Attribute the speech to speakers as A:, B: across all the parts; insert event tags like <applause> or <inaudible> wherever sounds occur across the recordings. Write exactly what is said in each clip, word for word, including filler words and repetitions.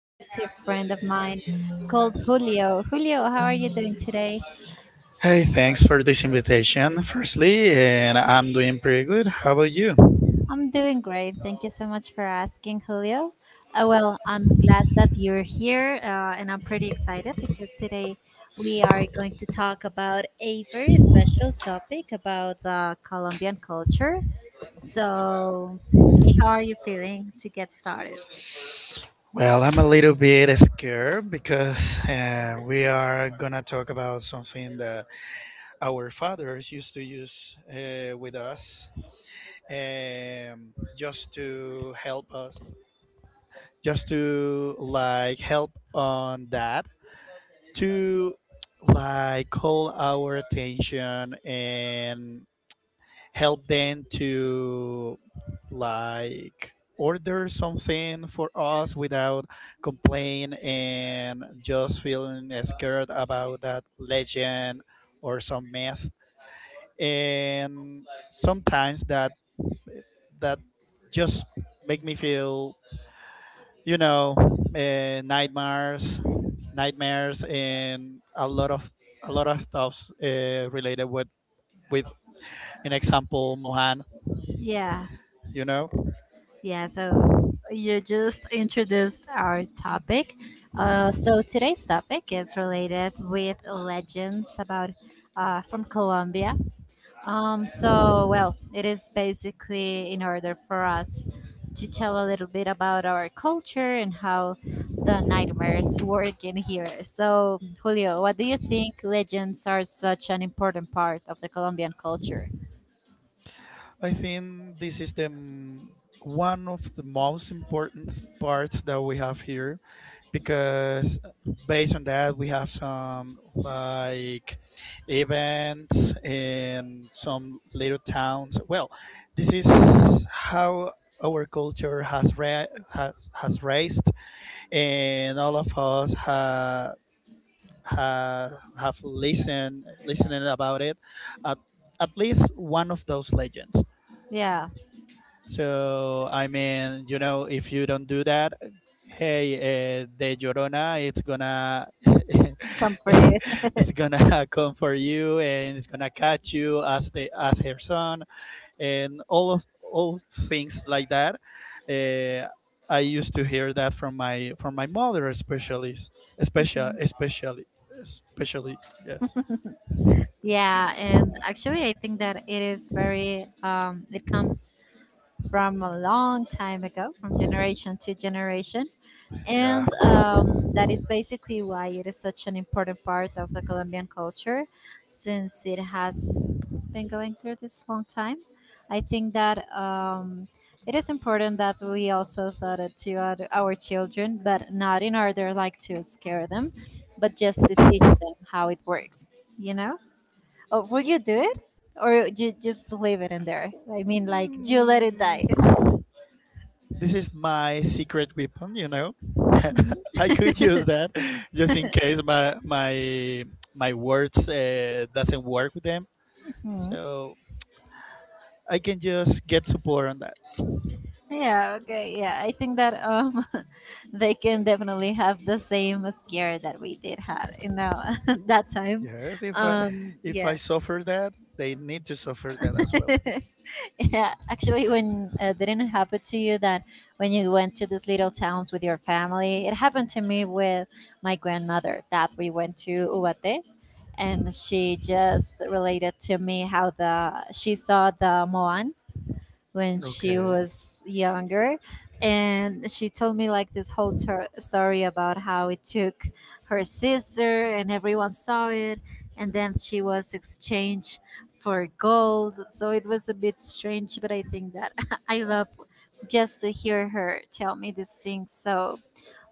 A: who is a friend of mine called Julio. Julio, how are you doing today?
B: Hey, thanks for this invitation, firstly, and I'm doing pretty good. How about you?
A: I'm doing great. Thank you so much for asking, Julio. Uh, well, I'm glad that you're here, uh, and I'm pretty excited because today we are going to talk about a very special topic about the Colombian culture. So, okay, how are you feeling to get started?
B: Well, I'm a little bit scared because uh, we are gonna talk about something that our fathers used to use uh, with us, um, just to help us, just to like help on that, to like call our attention and help them to like order something for us without complain and just feeling scared about that legend or some myth, and sometimes that that just make me feel, you know uh, nightmares nightmares and a lot of a lot of stuff uh, related with with an example, mohan
A: Yeah.
B: you know
A: Yeah, so you just introduced our topic. Uh, so today's topic is related with legends about uh, from Colombia. Um, so well, it is basically in order for us to tell a little bit about our culture and how the nightmares work in here. So Julio, what do you think legends are such an important part of the Colombian culture?
B: I think this is the m- one of the most important parts that we have here, because based on that we have some like events in some little towns. Well, this is how our culture has ra- has, has raised, and all of us have have, have listened listening about it at, at least one of those legends.
A: Yeah,
B: So, I mean, you know, if you don't do that, hey, uh, the Llorona, it's gonna,
A: come
B: <laughs>
A: for you.
B: it's gonna <laughs> come for you, and it's gonna catch you as the as her son, and all of all things like that. Uh, I used to hear that from my from my mother, especially, especially, especially, especially, yes.
A: Yeah, and actually, I think that it is very, um, it comes from a long time ago, from generation to generation.
B: Yeah.
A: And um, that is basically why it is such an important part of the Colombian culture since it has been going through this long time. I think that um, it is important that we also taught it to our, our children, but not in order like to scare them, but just them how it works, you know? Oh, will you do it? Or you just leave it in there? I mean, like, you let it
B: Mm,
A: die.
B: This is my secret weapon, you know. <laughs>
A: Mhm.
B: I could use that just in case my my my words, uh, doesn't work with them.
A: <laughs>
B: So I can just get support on that.
A: Yeah, okay, yeah. I think that um, <laughs> they can definitely have the same scare that we did have in our, <laughs> that time.
B: Yes, if I
A: Um,
B: if I
A: yeah.
B: suffer that, they need to suffer that as well.
A: <laughs> <laughs> yeah, actually, when uh, didn't it happen to you that when you went to these little towns with your family, it happened to me with my grandmother that we went to Uate, and she just related to me how the she saw the Moan when she
B: Okay.
A: was younger, and she told me like this whole tor- story about how it took her sister and everyone saw it, and then she was exchanged for gold. So it was a bit strange, but I think that <laughs> I love just to hear her tell me these things. So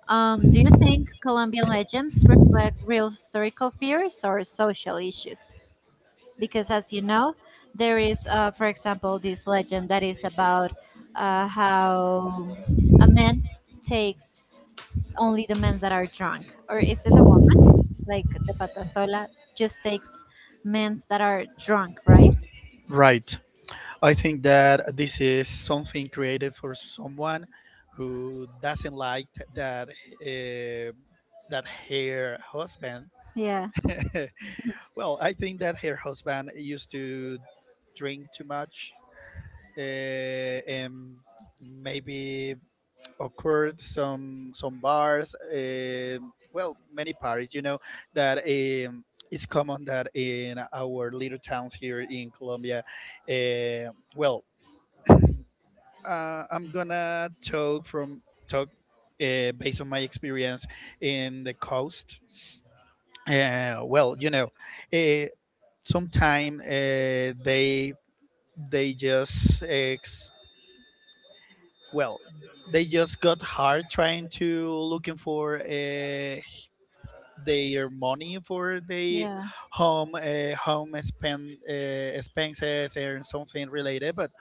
A: um, do you think Colombian legends reflect real historical fears or social issues? Because as you know, there is uh, for example this legend that is about uh, how a man takes only the men that are drunk, or is it a woman like the patasola just takes men that are drunk, right?
B: Right. I think that this is something created for someone who doesn't like that uh, that her husband.
A: Yeah,
B: <laughs> Well, I think that her husband used to drink too much, uh, and maybe occurred some some bars, um well, many parties, you know, that, um, it's common that in our little towns here in Colombia. Uh, well, uh, I'm gonna talk from talk uh, based on my experience in the coast. Uh, well, you know, uh, sometime, uh, they they just ex- well they just got hard trying to looking for, uh, their money for the
A: yeah,
B: home uh, home spend, uh, expenses and something related, but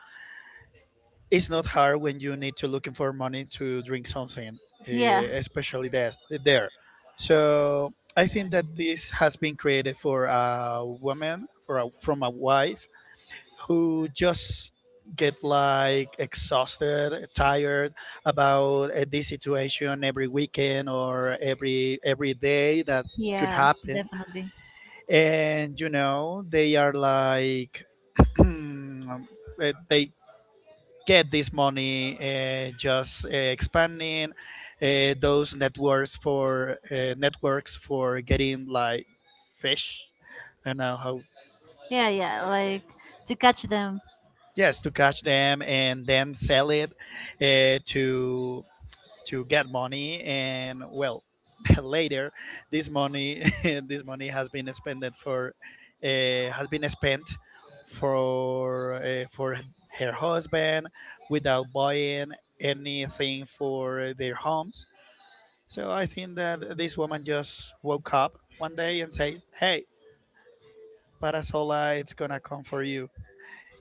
B: it's not hard when you need to looking for money to drink something, uh,
A: yeah.
B: especially that there. So I think that this has been created for a woman for a, from a wife who just get like exhausted, tired, about, uh, this situation, every weekend or every every day that could
A: Yeah,
B: happen.
A: definitely.
B: And you know they are like <clears throat> uh, they get this money, uh, just, uh, expanding, uh, those networks for uh, networks for getting like fish. I don't know how.
A: Yeah, yeah, like to catch them.
B: Yes, to catch them and then sell it, uh, to to get money. And well, <laughs> later, this money <laughs> this money has been spent for, uh, has been spent for, uh, for her husband, without buying anything for their homes. So I think that this woman just woke up one day and says, hey, parasola, it's gonna come for you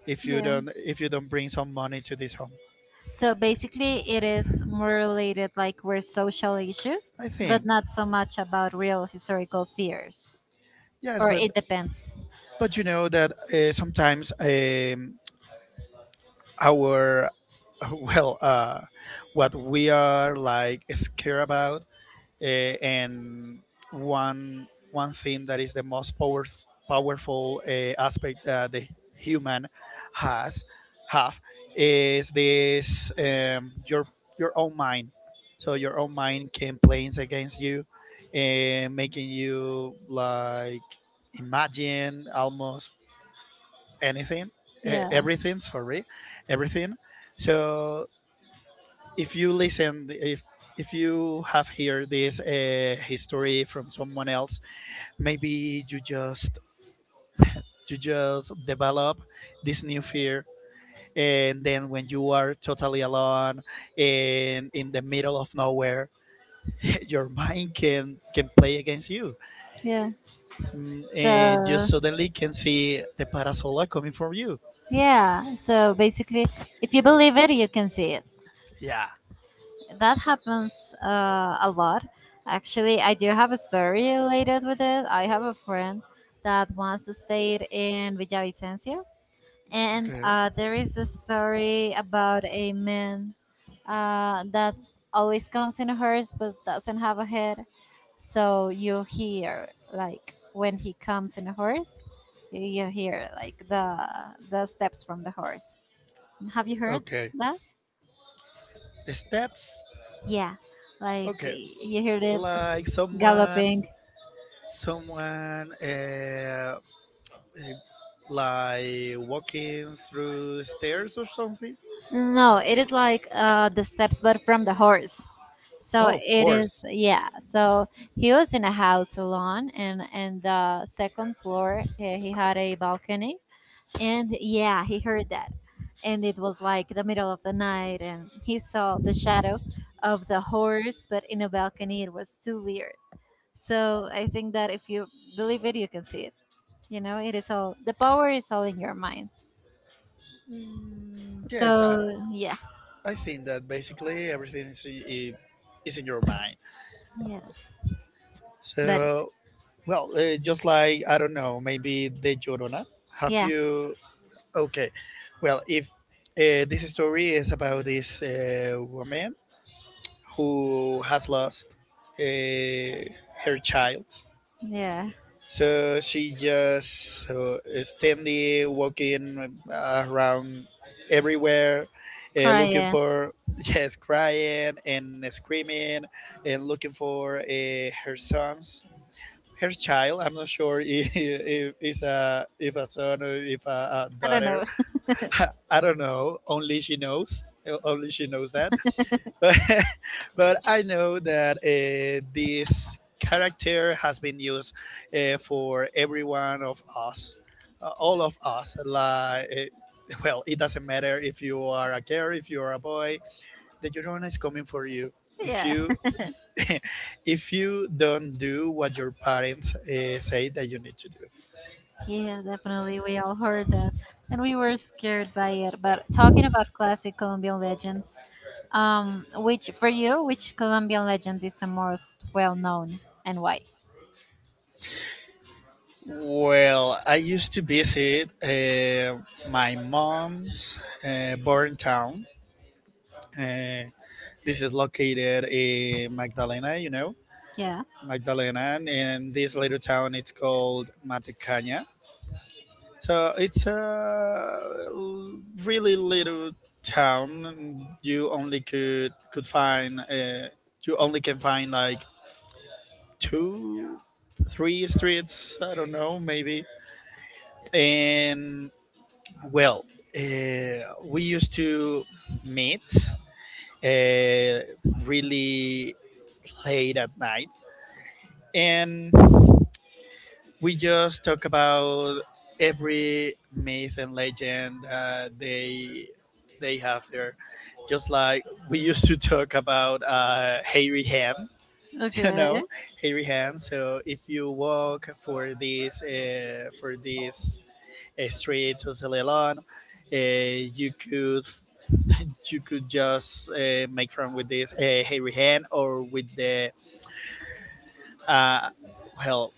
B: if you
A: Yeah.
B: don't if you don't bring some money to this home.
A: So basically, it is more related like with social issues,
B: I
A: but
B: think,
A: not so much about real historical fears.
B: yes.
A: Or
B: But
A: it depends.
B: but you know that, uh, sometimes, um, our, <laughs> well, uh, what we are like scared about. Uh, and one one thing that is the most power, powerful, uh, aspect that the human has have is this, um, your your own mind. So your own mind can play against you, and making you like imagine almost anything, eh,
A: Yeah,
B: everything. Sorry, everything. So, if you listen if if you have heard this, uh, history from someone else, maybe you just you just develop this new fear, and then when you are totally alone and in the middle of nowhere, <laughs> your mind can can play against you.
A: yeah.
B: Mm, and you
A: So,
B: suddenly can see the parasola coming from you.
A: yeah. So basically, if you believe it, you can see it.
B: Yeah.
A: That happens uh, a lot. Actually, I do have a story related with it. I have a friend that once stayed in Villavicencio, and
B: Okay.
A: uh, there is this story about a man uh, that always comes in a hearse but doesn't have a head. So you hear like when he comes in a horse, you hear like the the steps from the horse. Have you heard
B: Okay.
A: that?
B: The steps.
A: Yeah, like
B: Okay,
A: y- you heard it
B: like someone,
A: galloping.
B: someone uh, eh, like walking through stairs or something.
A: No, it is like uh, the steps, but from the horse. So
B: Oh,
A: it is,
B: horse.
A: yeah. So he was in a house alone, and and the second floor uh, he had a balcony, and yeah, he heard that, and it was like the middle of the night, and he saw the shadow of the horse, but in a balcony it was too weird. So I think that if you believe it, you can see it. You know, it is all the power is all in your mind.
B: Mm, yes,
A: So
B: uh,
A: yeah,
B: I think that basically everything is, i- is in your mind.
A: yes but
B: So, well, uh, just like, I don't know, maybe De Llorona. Have
A: Yeah,
B: you. Okay. Well, if, uh, this story is about this, uh, woman who has lost, uh, her child.
A: yeah,
B: So she just, uh, standing, walking, uh, around everywhere, uh, looking
A: crying.
B: for, <laughs> yes, crying and screaming and looking for, uh, her sons, her child. I'm not sure, <laughs> if, if it's a if a son, or if a, a
A: I don't
B: daughter.
A: know. <laughs>
B: <laughs> I don't know. Only she knows. Only she knows that, but <laughs> but I know that, uh, this character has been used, uh, for every one of us, uh, all of us. Like, eh, <laughs> well, it doesn't matter if you are a girl, if you are a boy. The Llorona is coming for you. If
A: Yeah,
B: you <laughs> if you don't do what your parents, uh, say that you need to do.
A: yeah, definitely. We all heard that, and we were scared by it. But talking about classic Colombian legends, um, which for you, which Colombian legend is the most well known, and why?
B: Well, I used to visit, uh, my mom's, uh, born town. Uh, This is located in Magdalena, you know,
A: Yeah.
B: Magdalena, and this little town it's called Matecaña. So it's a really little town. You only could could find uh, you only can find like two, three streets. I don't know, maybe. And well, uh, we used to meet, uh, really late at night, and we just talk about every myth and legend, uh, they they have there. Just like we used to talk about, uh, hairy ham, <laughs> you
A: Okay.
B: know, hairy ham. So if you walk for this uh, for this uh, street to Celeron, uh, you could <laughs> you could just, uh, make friends with this, uh, hairy ham, or with the uh, well,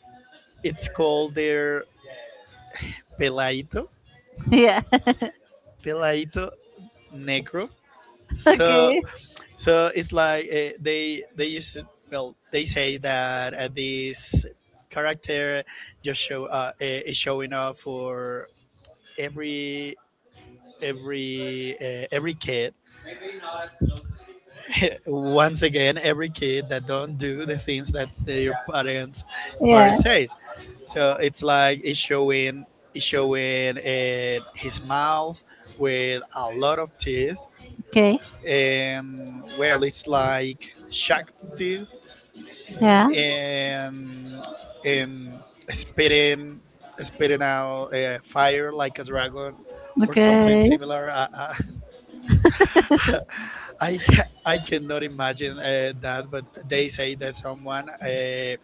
B: it's called there Pelaito,
A: <laughs> Yeah.
B: Pelaito Negro.
A: <laughs>
B: So
A: Okay.
B: so it's like, uh, they they used to, well, they say that, uh, this character just show uh, eh, is showing up for every every uh, every kid, <laughs> once again, every kid that don't do the things that their parents
A: Yeah.
B: parents says. So it's like it's showing, it's showing uh, his mouth with a lot of teeth,
A: Okay.
B: and well, it's like Shakti,
A: Yeah.
B: and and spitting, spitting out uh, fire like a dragon or something
A: Okay.
B: similar. Uh, uh, <laughs> I ca- I cannot imagine, uh, that, but they say that someone, uh,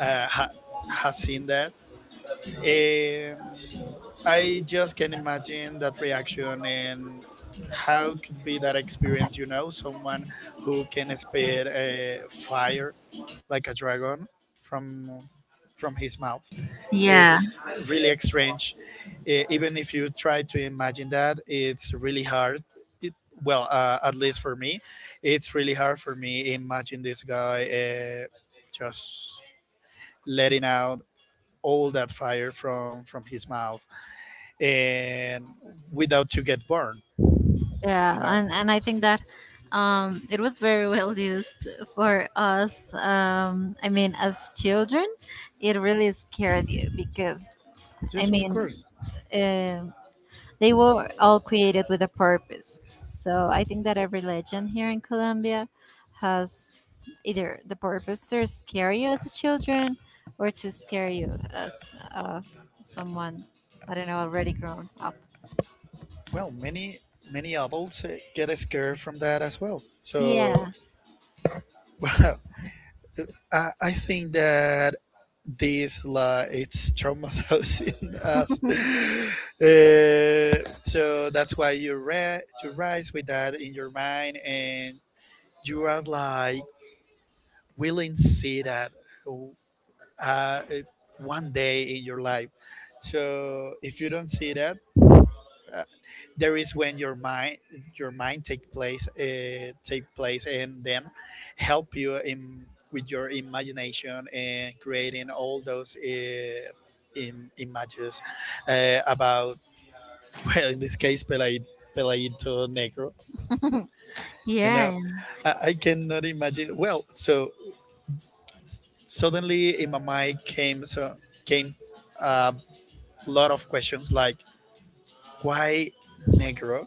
B: uh, ha- has seen that, um, I just can imagine that reaction and how could be that experience. You know, someone who can spit, uh, fire like a dragon from from his mouth.
A: Yeah.
B: It's really strange. Uh, even if you try to imagine that, it's really hard. It, well, uh, at least for me, it's really hard for me imagine this guy, uh, just letting out all that fire from from his mouth, and without to get burned.
A: yeah
B: You know?
A: and and I think that um, it was very well used for us, um, I mean as children, it really scared you because I
B: Yes, of
A: mean,
B: course.
A: um, they were all created with a purpose. So I think that every legend here in Colombia has either the purpose to scare you as a children or to scare you as uh, someone, I don't know, already grown up.
B: Well, many many adults, uh, get scared from that as well, so.
A: Yeah.
B: <laughs> Well, i, I think that this like it's traumatizing, <laughs> us, uh, so that's why you re- you rise with that in your mind, and you are like willing to see that, uh, uh, eh, one day in your life. So if you don't see that, uh, there is when your mind, your mind take place, uh, take place and then help you in with your imagination, and creating all those, uh, im- images, uh, about, <laughs> well, in this case, Pelai- Pelaito Negro you know
A: Yeah.
B: I, I cannot imagine well, so s- suddenly in my mind came so came a lot of questions, like, why Negro?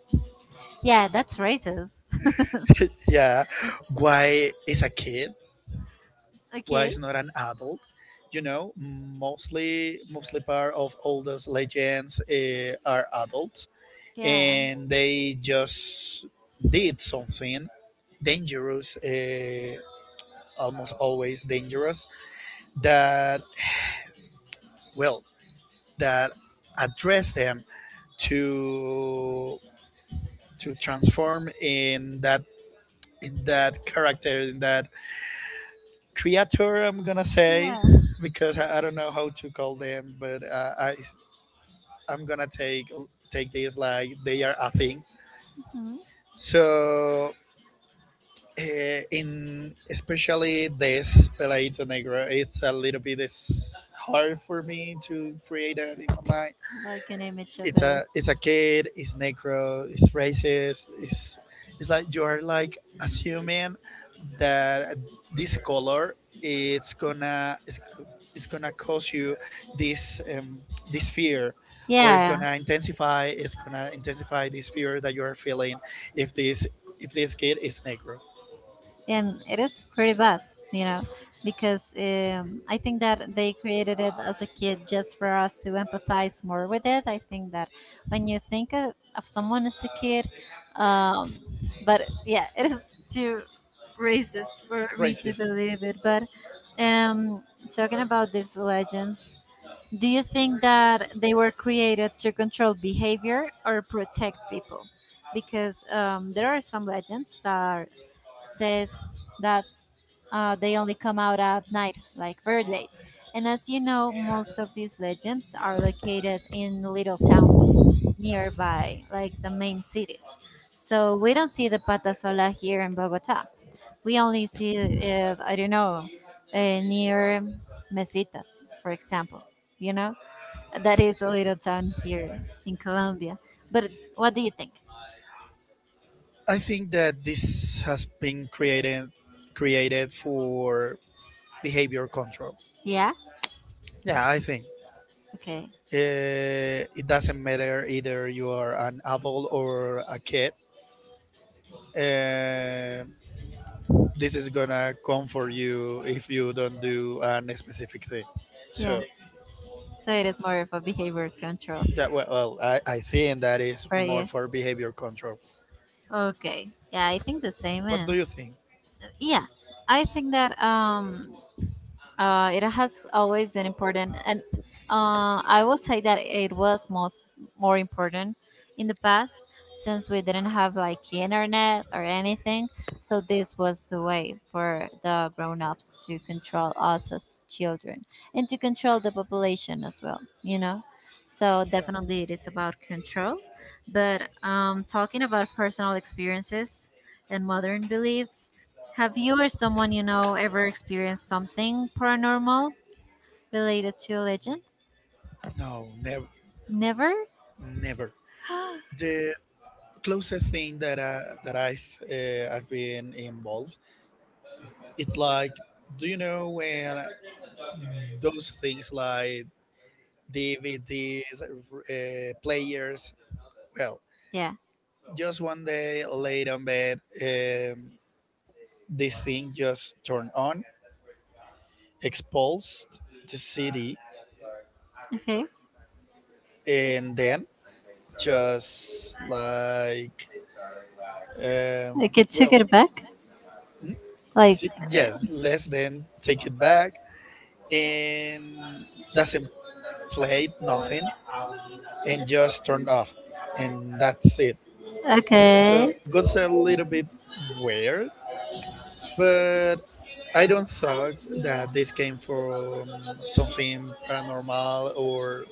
A: Yeah, that's racist.
B: <laughs> Yeah, why is a kid? Why
A: Okay.
B: is not an adult? You know, mostly mostly part of all those legends, uh, are adults,
A: Yeah.
B: and they just did something dangerous, uh, almost always dangerous. That well, that address them to to transform in that, in that character, in that creature, I'm gonna say,
A: Yeah.
B: because i, I don't know how to call them, but, uh, i i'm gonna take take this like they are a thing.
A: Mhm.
B: So, uh, in especially this Pelaito Negro, it's a little bit is hard for me to create that in my mind.
A: Like an image of
B: it's
A: it.
B: a it's a kid, it's Negro, it's racist, it's it's like you are like assuming that this color, it's gonna it's, it's gonna cause you this, um, this fear, or it's
A: Yeah.
B: gonna intensify it's gonna intensify this fear that you are feeling if this if this kid is Negro.
A: And it is pretty bad, you know, because um, I think that they created it as a kid just for us to empathize more with it. I think that when you think of, of someone as a kid, um, but yeah, it is too racist for me to
B: Racist.
A: believe it. But um, talking about these legends, do you think that they were created to control behavior or protect people? Because um, there are some legends that says that uh, they only come out at night, like very late. And as you know, most of these legends are located in little towns nearby, like the main cities. So we don't see the pata sola here in Bogota. We only see it, I don't know, uh, near mesitas, for example. You know. That is a little town here in Colombia. But what do you think?
B: I think that this has been created created for behavior control.
A: Yeah?
B: Yeah, I think,
A: Okay.
B: uh, it doesn't matter either you are an adult or a kid. Uh, this is gonna come for you if you don't do an specific thing.
A: Yeah.
B: So,
A: So it is more of a behavior control
B: yeah, well, well I, I think that is
A: for
B: more
A: you.
B: for behavior control.
A: Okay. Yeah, I think the same,
B: What
A: and
B: do you think?
A: yeah. I think that um, Uh, it has always been important, and uh, I will say that it was most more important in the past, since we didn't have like internet or anything. So this was the way for the grown-ups to control us as children and to control the population as well. You know, so
B: Yeah.
A: definitely it is about control. But um, talking about personal experiences and modern beliefs. Have you or someone you know ever experienced something paranormal related to a legend?
B: No, never,
A: Never?
B: never.
A: <gasps>
B: The closest thing that I that I've uh, I've been involved, it's like, do you know when those things like D V Ds, uh, players? Well,
A: Yeah.
B: just one day laid on bed, um, this thing just turned on, exposed the city
A: Okay.
B: and then just like
A: I
B: um,
A: could took
B: well
A: it back.
B: hmm?
A: Like
B: Si- yes, let's then take it back and doesn't play nothing and just turn off and that's it, so
A: okay.
B: got a little bit weird, but I don't thought that this came from something paranormal or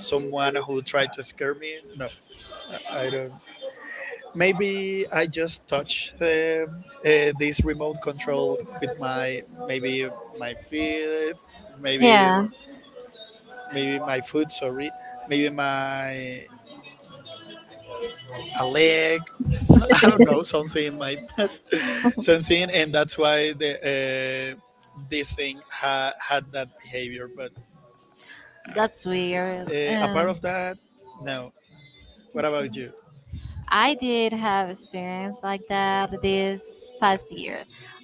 B: someone who tried to scare me. No, i I don't. Maybe I just touch uh, uh, this remote control with my, maybe my feet, maybe
A: Yeah.
B: maybe my foot. Sorry, maybe my, a leg. <laughs> I don't know, something in my <laughs> something, and that's why the uh, this thing ha- had that behavior. But
A: That's weird.
B: uh, apart
A: Um,
B: of that, no. What about you?
A: I did have experience like that this past year.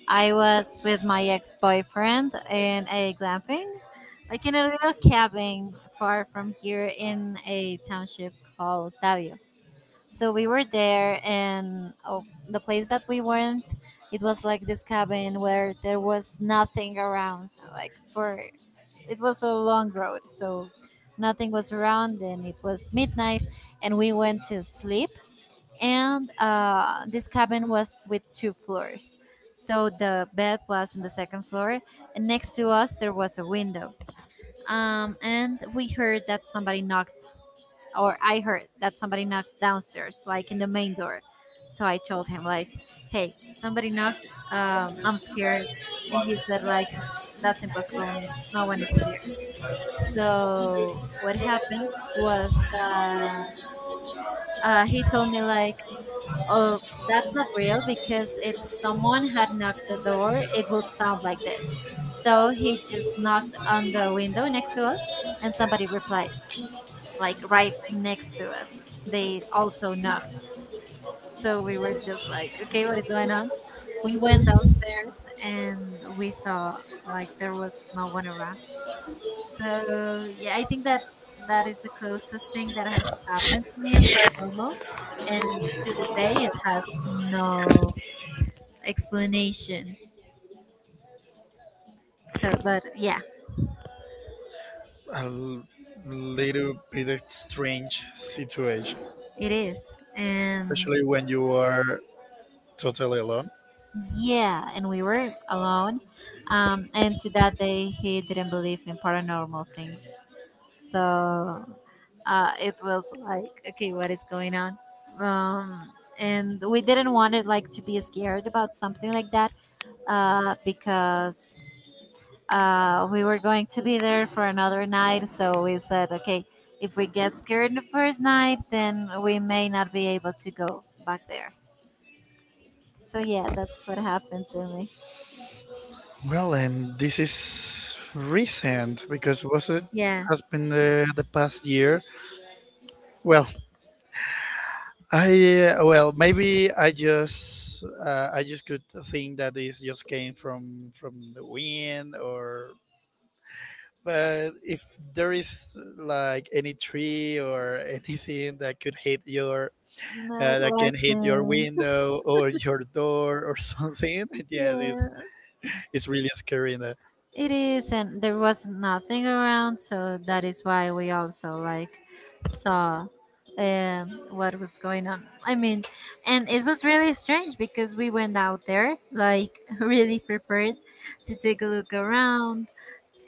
A: I was with my ex-boyfriend in a glamping, like in a little cabin far from here in a township called Tavio. So we were there, and oh, the place that we went, it was like this cabin where there was nothing around. So like for it was a long road, so nothing was around, and it was midnight, and we went to sleep. And uh, this cabin was with two floors, so the bed was on the second floor, and next to us there was a window. um, and we heard that somebody knocked, or I heard that somebody knocked downstairs like in the main door. So I told him like, hey, somebody knocked, um, I'm scared. And he said like, that's impossible, n- no one is here. So what happened was that uh, he told me like, oh, that's not real, because if someone had knocked the door, it would sound like this. So he just knocked on the window next to us, and somebody replied, like right next to us. They also knocked. So we were just like, okay, what is going on? We went downstairs and we saw like there was no one around. So yeah, I think that that is the closest thing that has happened to me as paranormal, and to this day it has no explanation. So, but yeah,
B: A l- little bit of strange situation,
A: it is. And
B: especially when you are totally alone.
A: yeah, and we were alone. Um, and to that day, he didn't believe in paranormal things. So uh, it was like, okay, what is going on? Um, and we didn't want it like to be scared about something like that uh, because uh, we were going to be there for another night, so we said, okay, if we get scared the first night, then we may not be able to go back there. So yeah, that's what happened to me.
B: Well, and this is recent, because was it,
A: Yeah.
B: has been the, the past year. Well, I uh, well, maybe I just uh, I just could think that this just came from from the wind, or. But if there is like any tree or <laughs> anything that could hit your
A: No,
B: uh,
A: it
B: that can hit your
A: wasn't.
B: window or your door or <laughs> something, yes, it's
A: Yeah.
B: it's really scary. In the,
A: It is, and there was nothing around, so that is why we also like saw um, what was going on. I mean, and it was really strange because we went out there like <laughs> really prepared to take a look around,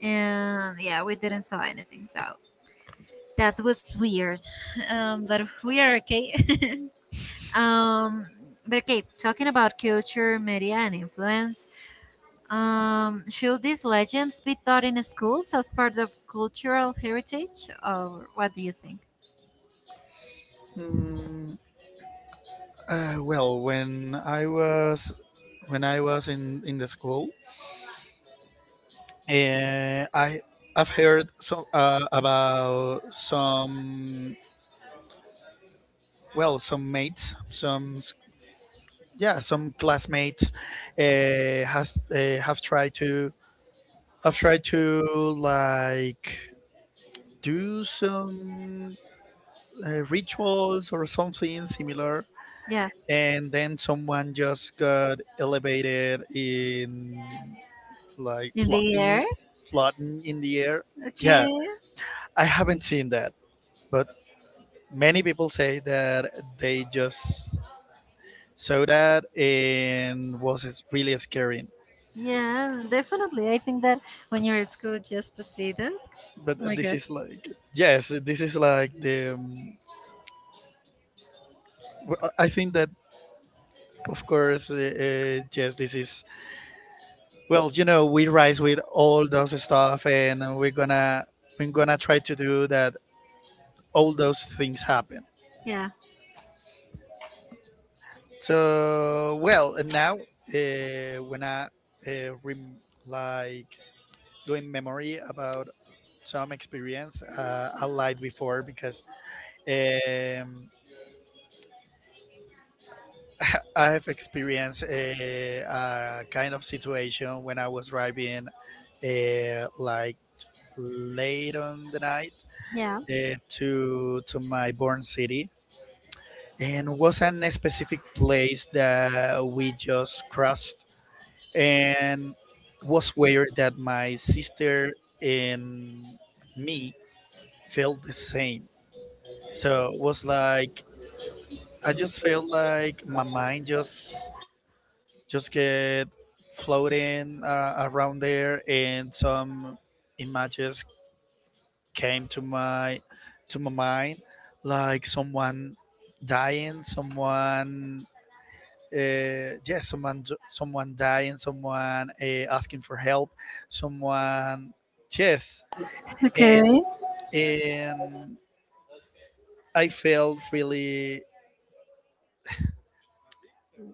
A: and yeah, we didn't saw anything. So that was weird, <laughs> um, but we are okay. <laughs> um, but okay, talking about culture, media, and influence. Um, should these legends be taught in schools as part of cultural heritage, or what do you think?
B: mm, Uh, well, when I was, when I was in in the school, uh, I I've heard so uh, about some, well, some mates, some s- yeah, some classmates uh, has uh, have tried to have tried to like do some uh, rituals or something similar,
A: Yeah,
B: and then someone just got elevated in, like,
A: in the
B: floating,
A: air.
B: floating in the air. Yeah,
A: Okay.
B: I haven't seen that, but many people say that they just saw that, and was is really scary.
A: Yeah, definitely. I think that when you're at school, just to see that.
B: But
A: Oh my
B: this
A: gosh.
B: is like, yes, this is like the. Um, w- I think that of course uh, uh, yes, this is, well, you know we rise with all those stuff, and we're gonna, we're gonna try to do that, all those things happen.
A: Yeah.
B: So well, and now uh, when I uh, rem- like doing memory about some experience, uh, I lied before because um, <laughs> I have experienced a, a kind of situation when I was driving uh, like late on the night
A: Yeah.
B: uh, to to my born city, and was an specific place that we just crossed, and was where that my sister and me felt the same. So it was like I just felt like my mind just just get floating uh, around there, and some images came to my to my mind, like someone dying, someone uh, yeah, someone, someone dying, someone uh, asking for help, someone, yes, and
A: Okay.
B: and I felt really,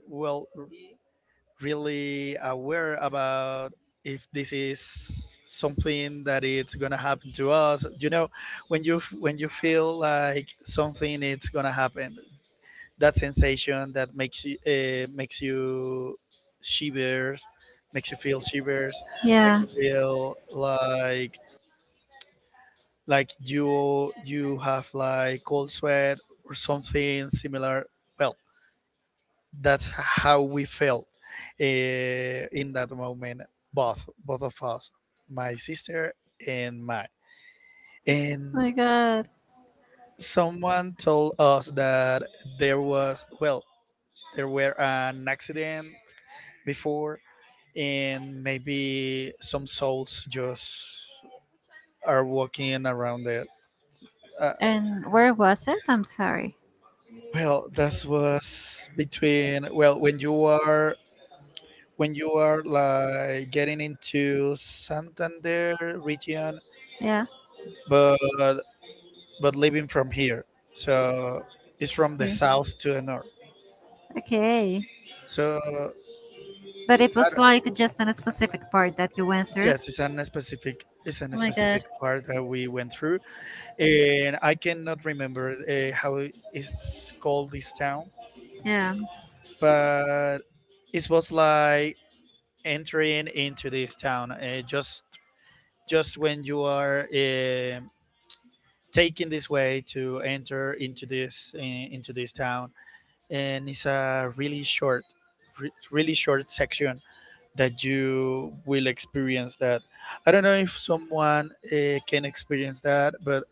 B: well, really aware about if this is something that it's gonna happen to us. You know, when you, when you feel like something it's gonna happen, that sensation that makes you uh, makes you shivers, makes you feel shivers, makes
A: Yeah.
B: you feel like like you you have like cold sweat or something similar. Well, that's how we felt uh, in that moment, both, both of us, my sister and my,
A: Oh
B: and
A: my God.
B: someone told us that there was, well, there were an accident before, and maybe some souls just are walking around it. Uh,
A: And where was it? I'm sorry.
B: well, that was between, well, when you are, when you are like getting into Santander region,
A: Yeah.
B: but but living from here, so it's from the
A: Okay.
B: south to the north.
A: Okay.
B: So
A: But it
B: I
A: was
B: don't-
A: like just in a specific part that you went through.
B: yes, it's an specific, it's an
A: Oh my God.
B: specific part that we went through, and I cannot remember uh, how it's called this town,
A: Yeah.
B: but it was like entering into this town, uh, just just when you are um taking this way to enter into this eh, into this town, and it's a really short, re- really short section that you will experience that. I don't know if someone uh, can experience that, but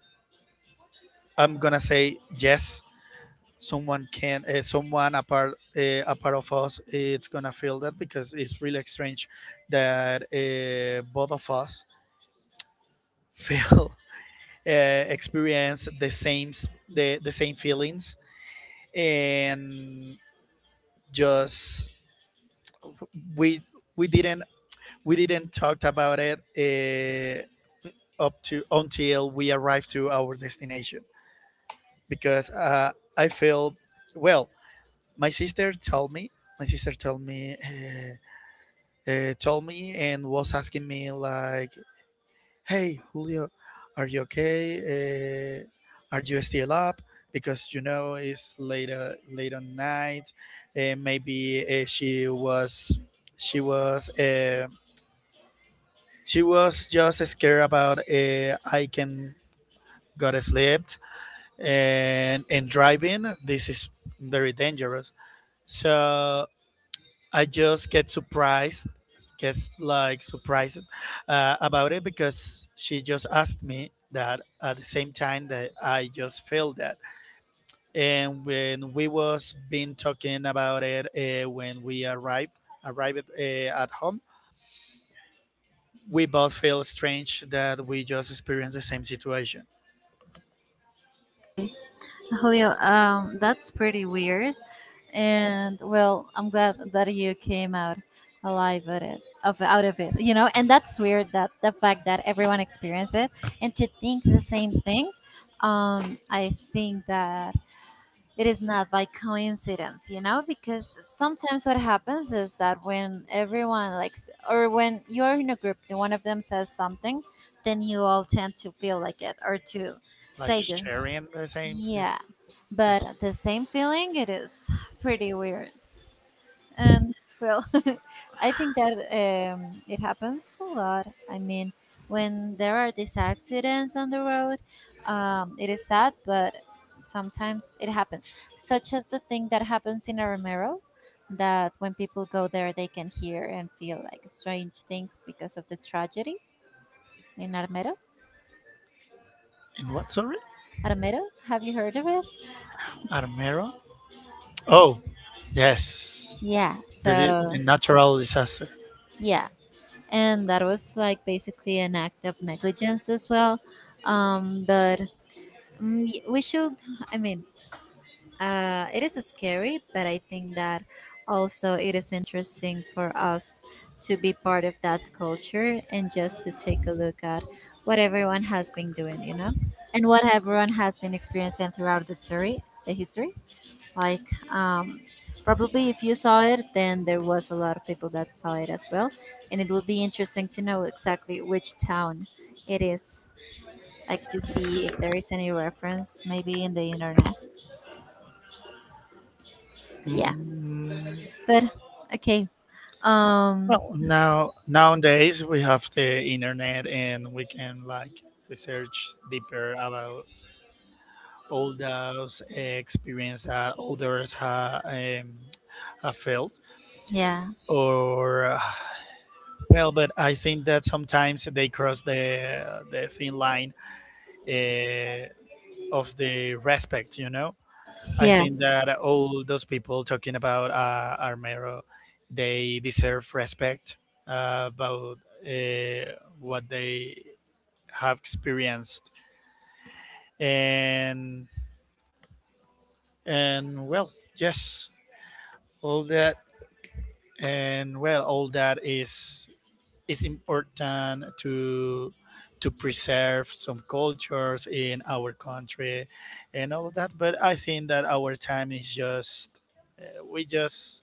B: I'm gonna say yes, someone can, uh, someone apart, uh, a part of us eh, it's gonna feel that, because it's really strange that uh, both of us feel, <laughs> uh, experience the same, s- the, the same feelings, and just we, we didn't we didn't talk about it uh, up to until we arrived to our destination, because uh, I feel, well, my sister told me, my sister told me uh, uh, told me and was asking me like, "Hey, Julio, are you okay? Uh, are you still up? Because you know it's late, uh, late on night. Uh, maybe uh, she was, she was, uh, she was just scared about, uh, I can got slept and and driving. This is very dangerous. So I just get surprised, gets like surprised uh, about it, because she just asked me that at the same time that I just felt that. And when we was been talking about it, uh, when we arrived, arrived uh, at home, we both feel strange that we just experienced the same situation.
A: Julio, um, that's pretty weird. And well, I'm glad that you came out alive at it, of out of it. You know, and that's weird that the fact that everyone experienced it and to think the same thing. Um, I think that it is not by coincidence, you know, because sometimes what happens is that when everyone likes, or when you're in a group and one of them says something, then you all tend to feel like it or to
B: Like
A: say the
B: sharing the same
A: yeah,
B: feeling.
A: but
B: It's
A: the same feeling, it is pretty weird. And well, <laughs> I think that um, it happens a lot. I mean, when there are these accidents on the road, um, it is sad, but sometimes it happens. Such as the thing that happens in Armero, that when people go there, they can hear and feel like strange things because of the tragedy in Armero.
B: in what, sorry?
A: Armero, have you heard of it?
B: Armero? Oh, yes,
A: Yeah,
B: the, di- the
A: so
B: natural disaster.
A: yeah, and that was like basically an act of negligence as well. um, but mm, y- we should I mean, uh, it is scary, but I think that also it is interesting for us to be part of that culture and just to take a look at what everyone has been doing, you know, and what everyone has been experiencing throughout the story the history, like, um, probably if you saw it, then there was a lot of people that saw it as well. And it will be interesting to know exactly which town it is, like to see if there is any reference maybe in the internet. Yeah.
B: Mm,
A: But okay. Um,
B: well, now nowadays we have the internet, and we can like research deeper about all those experience that others ha, um, have felt,
A: yeah,
B: or. Well, but I think that sometimes they cross the the thin line uh, of the respect. You know, I
A: yeah,
B: think that all those people talking about uh, Armero, they deserve respect uh, about uh, what they have experienced, and and well, yes, all that, and well, all that is, it's important to to preserve some cultures in our country and all of that, but I think that our time is just uh, we just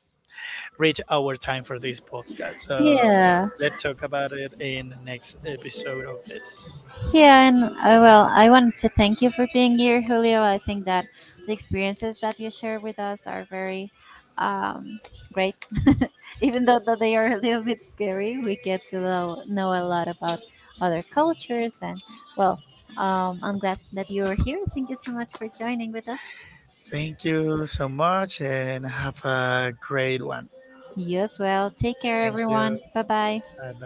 B: reach our time for this podcast, so
A: yeah.
B: let's talk about it in the next episode of this.
A: Yeah, and uh, well, I wanted to thank you for being here, Julio. I think that the experiences that you share with us are very um, great. <laughs> Even though that they are a little bit scary, we get to know, know a lot about other cultures. And well, um, I'm glad that you are here. Thank you so much for joining with us.
B: Thank you so much and have a great one.
A: You as well. Take care,
B: Thank you.
A: everyone. Bye bye.
B: Bye bye.